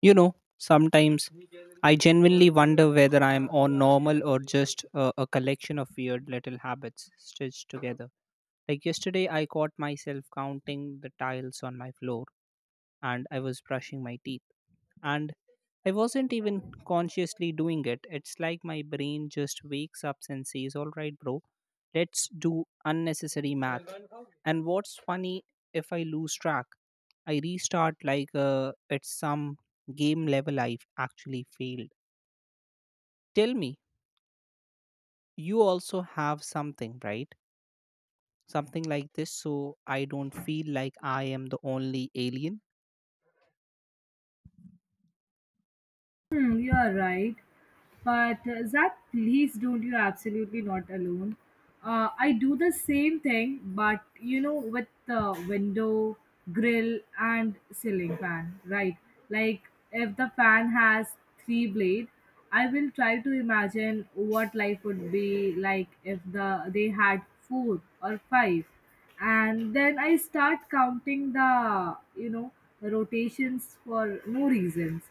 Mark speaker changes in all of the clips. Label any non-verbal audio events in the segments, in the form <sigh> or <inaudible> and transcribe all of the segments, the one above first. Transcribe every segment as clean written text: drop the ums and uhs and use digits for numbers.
Speaker 1: You know, sometimes I genuinely wonder whether I am on normal or just a collection of weird little habits stitched together. Like yesterday, I caught myself counting the tiles on my floor and I was brushing my teeth. And I wasn't even consciously doing it. It's like my brain just wakes up and says, All right, bro, let's do unnecessary math. And what's funny, if I lose track, I restart like it's some game level I've actually failed. Tell me, you also have something, right? Something like this, so I don't feel like I am the only alien.
Speaker 2: Hmm, you are right. But Zach, please don't. You're absolutely not alone. I do the same thing, but with the window, grill, and ceiling fan, right? Like, if the fan has three blade, I will try to imagine what life would be like if they had four or five, and then I start counting the you know rotations for no reasons.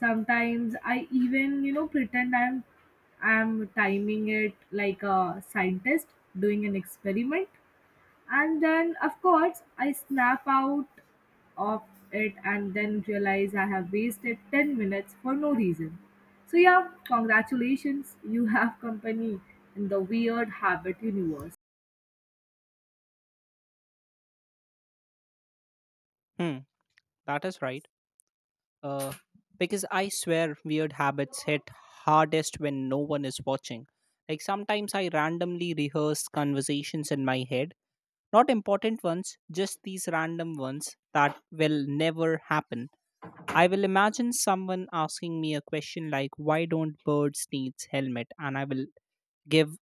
Speaker 2: Sometimes I even pretend I'm timing it like a scientist doing an experiment. And then of course I snap out of it and then realize I have wasted 10 minutes for no reason. So yeah, congratulations, you have company in the weird habit universe.
Speaker 1: Hmm, that is right. Uh, because I swear weird habits hit hardest when no one is watching. Like sometimes I randomly rehearse conversations in my head. Not important ones, just these random ones that will never happen. I will imagine someone asking me a question like, Why don't birds need helmet? And I will give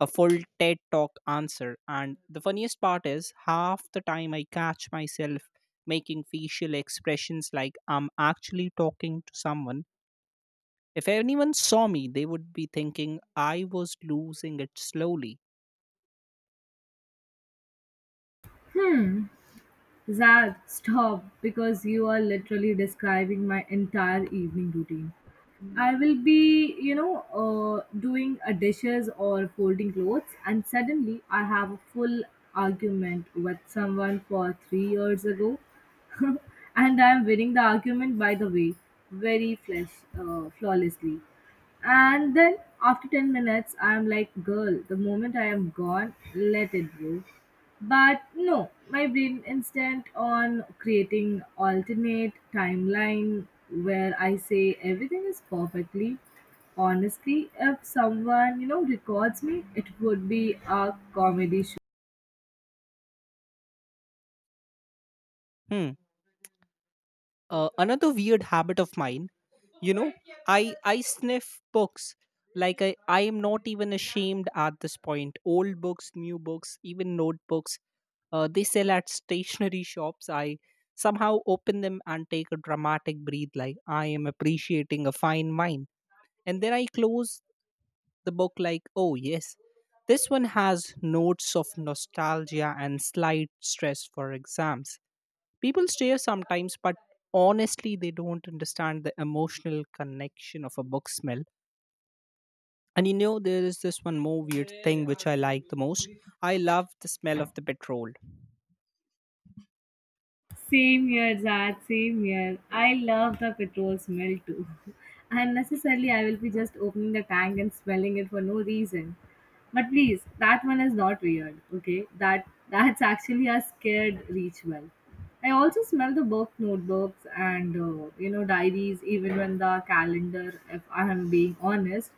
Speaker 1: a full TED talk answer. And the funniest part is, half the time I catch myself making facial expressions like I'm actually talking to someone. If anyone saw me, they would be thinking I was losing it slowly.
Speaker 2: Zad, stop, because you are literally describing my entire evening routine. I will be, doing a dishes or folding clothes, and suddenly I have a full argument with someone for 3 years ago, <laughs> and I am winning the argument by the way, very flesh, flawlessly. And then after 10 minutes, I'm like, girl, the moment I am gone, let it go. But no, my brain instant on creating alternate timeline where I say everything is perfectly. Honestly, if someone records me, it would be a comedy.
Speaker 1: Hmm. Another weird habit of mine, you know I sniff books. Like I am not even ashamed at this point. Old books, new books, even notebooks, they sell at stationery shops. I somehow open them and take a dramatic breath like I am appreciating a fine wine, and then I close the book like, oh, yes, this one has notes of nostalgia and slight stress for exams. People stare sometimes, but honestly, they don't understand the emotional connection of a book smell. And there is this one more weird thing which I like the most. I love the smell of the petrol.
Speaker 2: Same here, Zad, same here. I love the petrol smell too. <laughs> Unnecessarily, I will be just opening the tank and smelling it for no reason. But please, that one is not weird, okay? That's actually a scared ritual. I also smell the book notebooks and, diaries, even when the calendar, if I am being honest.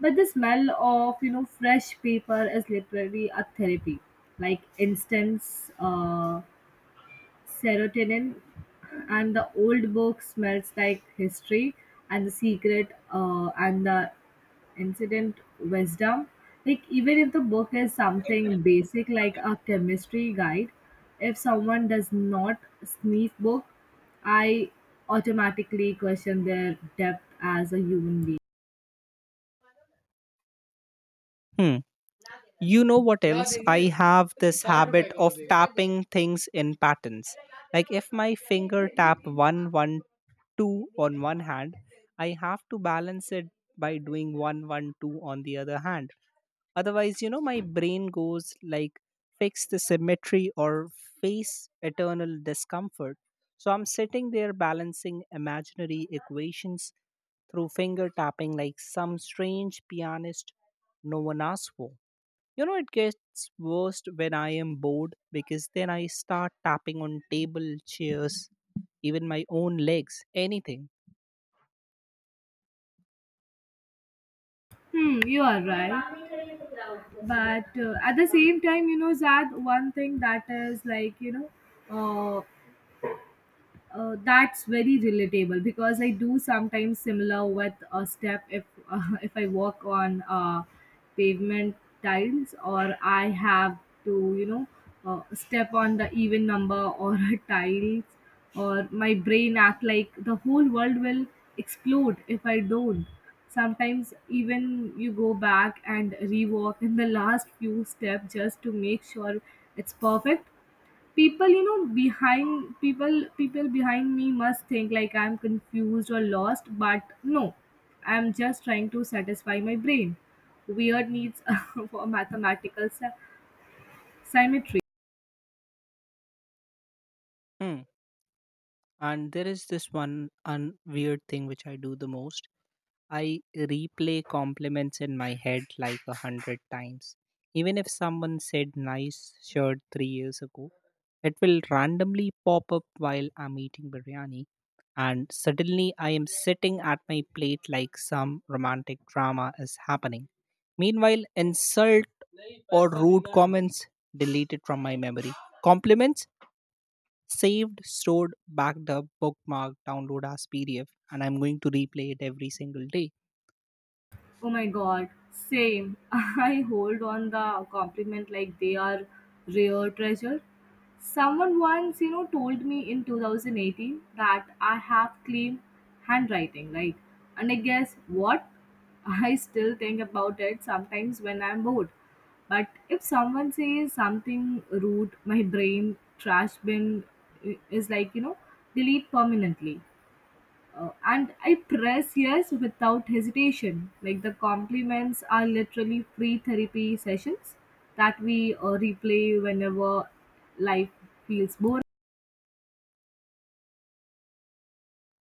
Speaker 2: But the smell of, fresh paper is literally a therapy. Like instance, serotonin and the old book smells like history and the secret and the incident wisdom. Like even if the book is something basic like a chemistry guide, if someone does not sniff book, I automatically question their depth as a human being.
Speaker 1: Hmm. You know what else? I have this habit of tapping things in patterns. Like if my finger tap one, one, two on one hand, I have to balance it by doing one, one, two on the other hand. Otherwise, my brain goes like, fix the symmetry or face eternal discomfort. So I'm sitting there balancing imaginary equations through finger tapping like some strange pianist no one asked for. It gets worst when I am bored, because then I start tapping on table, chairs, even my own legs, anything.
Speaker 2: Hmm, you are right. But at the same time, zad, one thing that is like, uh, that's very relatable, because I do sometimes similar with a step. If <laughs> if I walk on pavement tiles, or I have to step on the even number or <laughs> a tiles, or my brain act like the whole world will explode if I don't. Sometimes even you go back and rewalk in the <laughs> last few steps just to make sure it's perfect. People behind people behind me must think like I'm confused or lost, but no, I'm just trying to satisfy my brain weird needs <laughs> for symmetry.
Speaker 1: Hmm. And there is this one weird thing which I do the most. I replay compliments in my head like 100 times. Even if someone said nice shirt 3 years ago, it will randomly pop up while I'm eating biryani, and suddenly I am sitting at my plate like some romantic drama is happening. Meanwhile, insult or rude comments deleted from my memory. Compliments saved, stored, backed up, bookmarked, download as PDF, and I'm going to replay it every single day.
Speaker 2: Oh my god, same. <laughs> I hold on the compliment like they are rare treasure. Someone once, told me in 2018 that I have clean handwriting, right? And I guess what? <laughs> I still think about it sometimes when I'm bored. But if someone says something rude, my brain trash bin is like, delete permanently. And I press yes without hesitation. Like the compliments are literally free therapy sessions that we replay whenever life feels boring.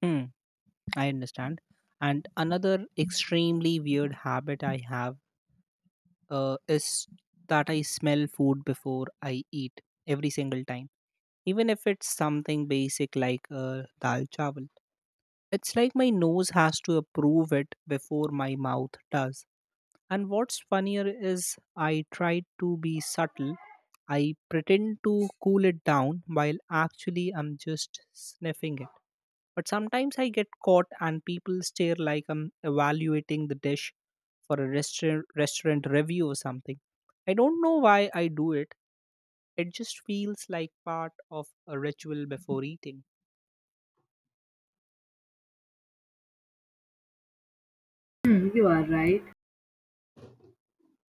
Speaker 1: Hmm, I understand. And another extremely weird habit I have, is that I smell food before I eat every single time, even if it's something basic like dal chawal. It's like my nose has to approve it before my mouth does. And what's funnier is I tried to be subtle. I pretend to cool it down while actually I'm just sniffing it. But sometimes I get caught and people stare like I'm evaluating the dish for a restaurant review or something. I don't know why I do it. It just feels like part of a ritual before eating.
Speaker 2: Hmm, you are right.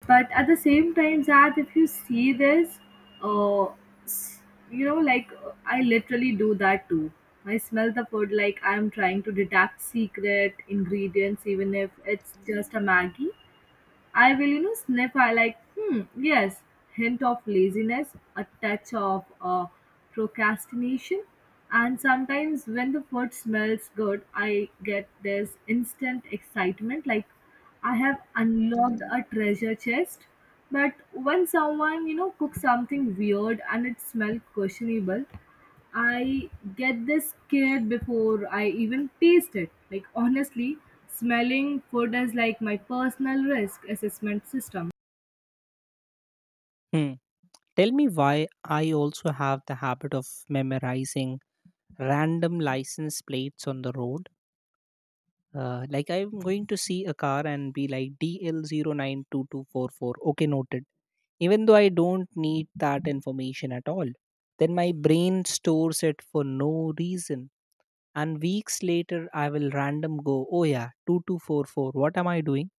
Speaker 2: But at the same time, Zad, if you see this, uh, s- I literally do that too. I smell the food like I'm trying to detect secret ingredients, even if it's just a Maggie. I will, sniff. I like, hmm, yes, hint of laziness, a touch of procrastination. And sometimes when the food smells good, I get this instant excitement like I have unlocked a treasure chest. But when someone, cooks something weird and it smells questionable, I get this scared before I even taste it. Like, honestly, smelling food is like my personal risk assessment system.
Speaker 1: Hmm. Tell me why I also have the habit of memorizing random license plates on the road. Like I'm going to see a car and be like DL 09 22 44. Okay, noted. Even though I don't need that information at all, then my brain stores it for no reason. And weeks later, I will random go, oh yeah, 2244. What am I doing?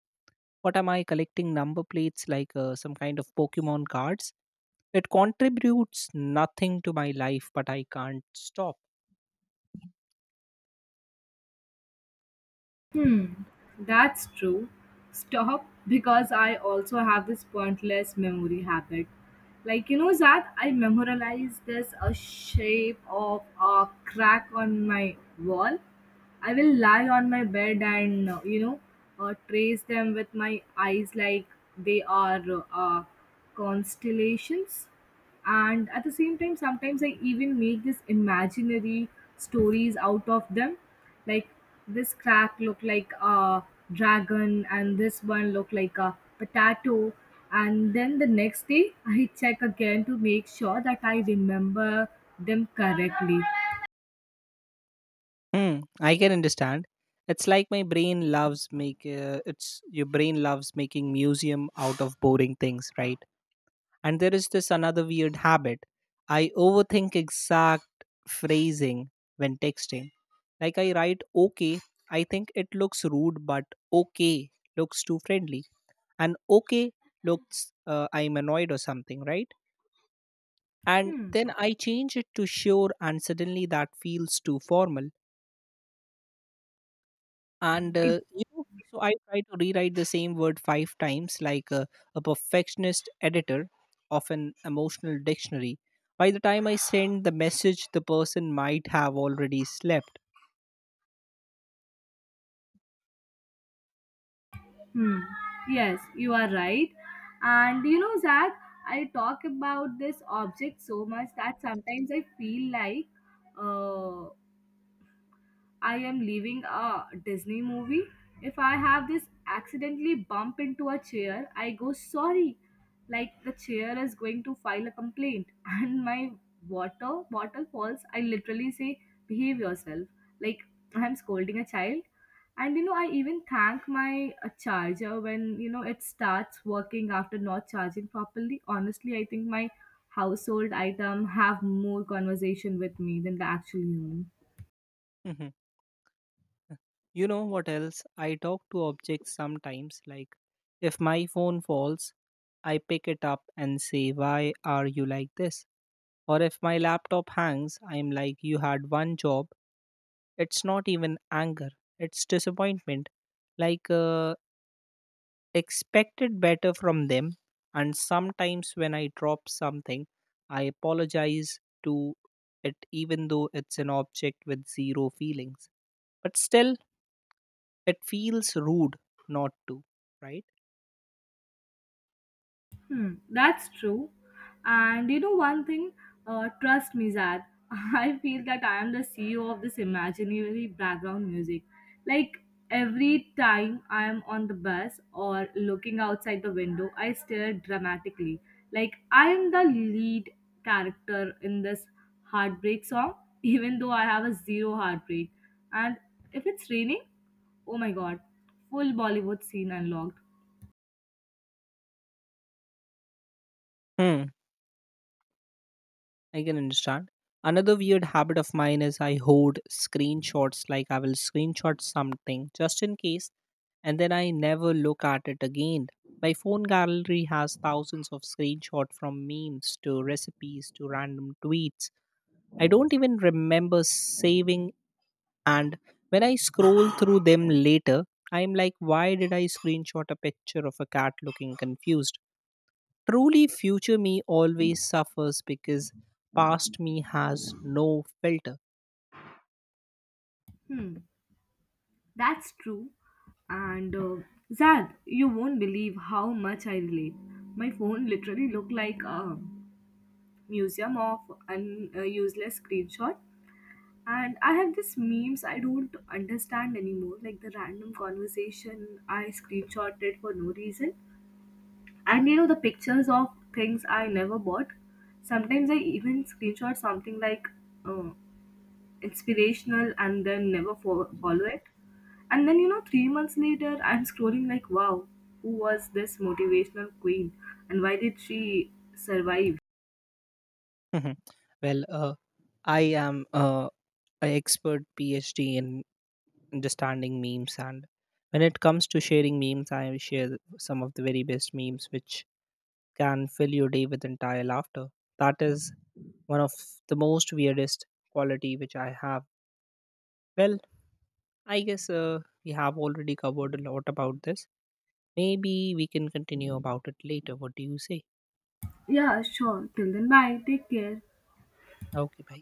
Speaker 1: What am I collecting number plates like some kind of Pokemon cards? It contributes nothing to my life, but I can't stop.
Speaker 2: Hmm. That's true. Stop, because I also have this pointless memory habit. Like you know that I memorialize this a shape of a crack on my wall. I will lie on my bed and trace them with my eyes like they are constellations. And at the same time, sometimes I even make these imaginary stories out of them, like this crack look like a dragon and this one look like a potato. And then the next day I check again to make sure that I remember them correctly.
Speaker 1: Hmm, I can understand. It's like my brain loves make it's your brain loves making museum out of boring things, right? And there is this another weird habit. I overthink exact phrasing when texting. Like I write okay, I think it looks rude, but okay looks too friendly, and okay looks I'm annoyed or something, right? And
Speaker 2: Hmm.
Speaker 1: then I change it to sure, and suddenly that feels too formal, and
Speaker 2: It.
Speaker 1: so I try to rewrite the same word five times like a perfectionist editor of an emotional dictionary. By the time I send the message, the person might have already slept.
Speaker 2: Hmm. Yes, you are right. And zach, I talk about this object so much that sometimes I feel like uh, I am leaving a Disney movie. If I have this accidentally bump into a chair, I go sorry. Like the chair is going to file a complaint. <laughs> And my water bottle falls. I literally say, behave yourself. Like I'm scolding a child. And I even thank my charger when it starts working after not charging properly. Honestly, I think my household item have more conversation with me than the actual human.
Speaker 1: Mhm. You know what else, I talk to objects sometimes. Like if my phone falls, I pick it up and say, why are you like this? Or if my laptop hangs, I'm like, you had one job. It's not even anger, it's disappointment. Like, expected better from them. And sometimes when I drop something, I apologize to it, even though it's an object with zero feelings. But still, it feels rude not to, right?
Speaker 2: Hmm, that's true. And one thing, trust me, Zad, <laughs> I feel that I am the CEO of this imaginary background music. Like every time I am on the bus or looking outside the window, I stare dramatically. Like I am the lead character in this heartbreak song, <laughs> even though I have a zero heartbreak. And if it's raining, oh my god, full Bollywood scene unlocked.
Speaker 1: Hmm. I can understand. Another weird habit of mine is I hoard screenshots, like I will screenshot something just in case, and then I never look at it again. My phone gallery has thousands of screenshots from memes to recipes to random tweets. I don't even remember saving, and when I scroll through them later, I'm like, why did I screenshot a picture of a cat looking confused? Truly, future me always suffers because past me has no filter.
Speaker 2: Hmm. That's true. And Zad, you won't believe how much I relate. My phone literally looked like a museum of useless screenshot. And I have these memes I don't understand anymore, like the random conversation I screenshotted for no reason. And the pictures of things I never bought. Sometimes I even screenshot something like, uh, inspirational and then never follow it. And then 3 months later I'm scrolling like wow, who was this motivational queen and why did she survive.
Speaker 1: <laughs> Mhm. Well, I am an expert PhD in understanding memes, and when it comes to sharing memes, I share some of the very best memes which can fill your day with entire laughter. That is one of the most weirdest quality which I have. Well, I guess we have already covered a lot about this. Maybe we can continue about it later. What do you say?
Speaker 2: Yeah, sure, till then bye, take care.
Speaker 1: Okay भाई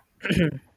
Speaker 1: <clears throat>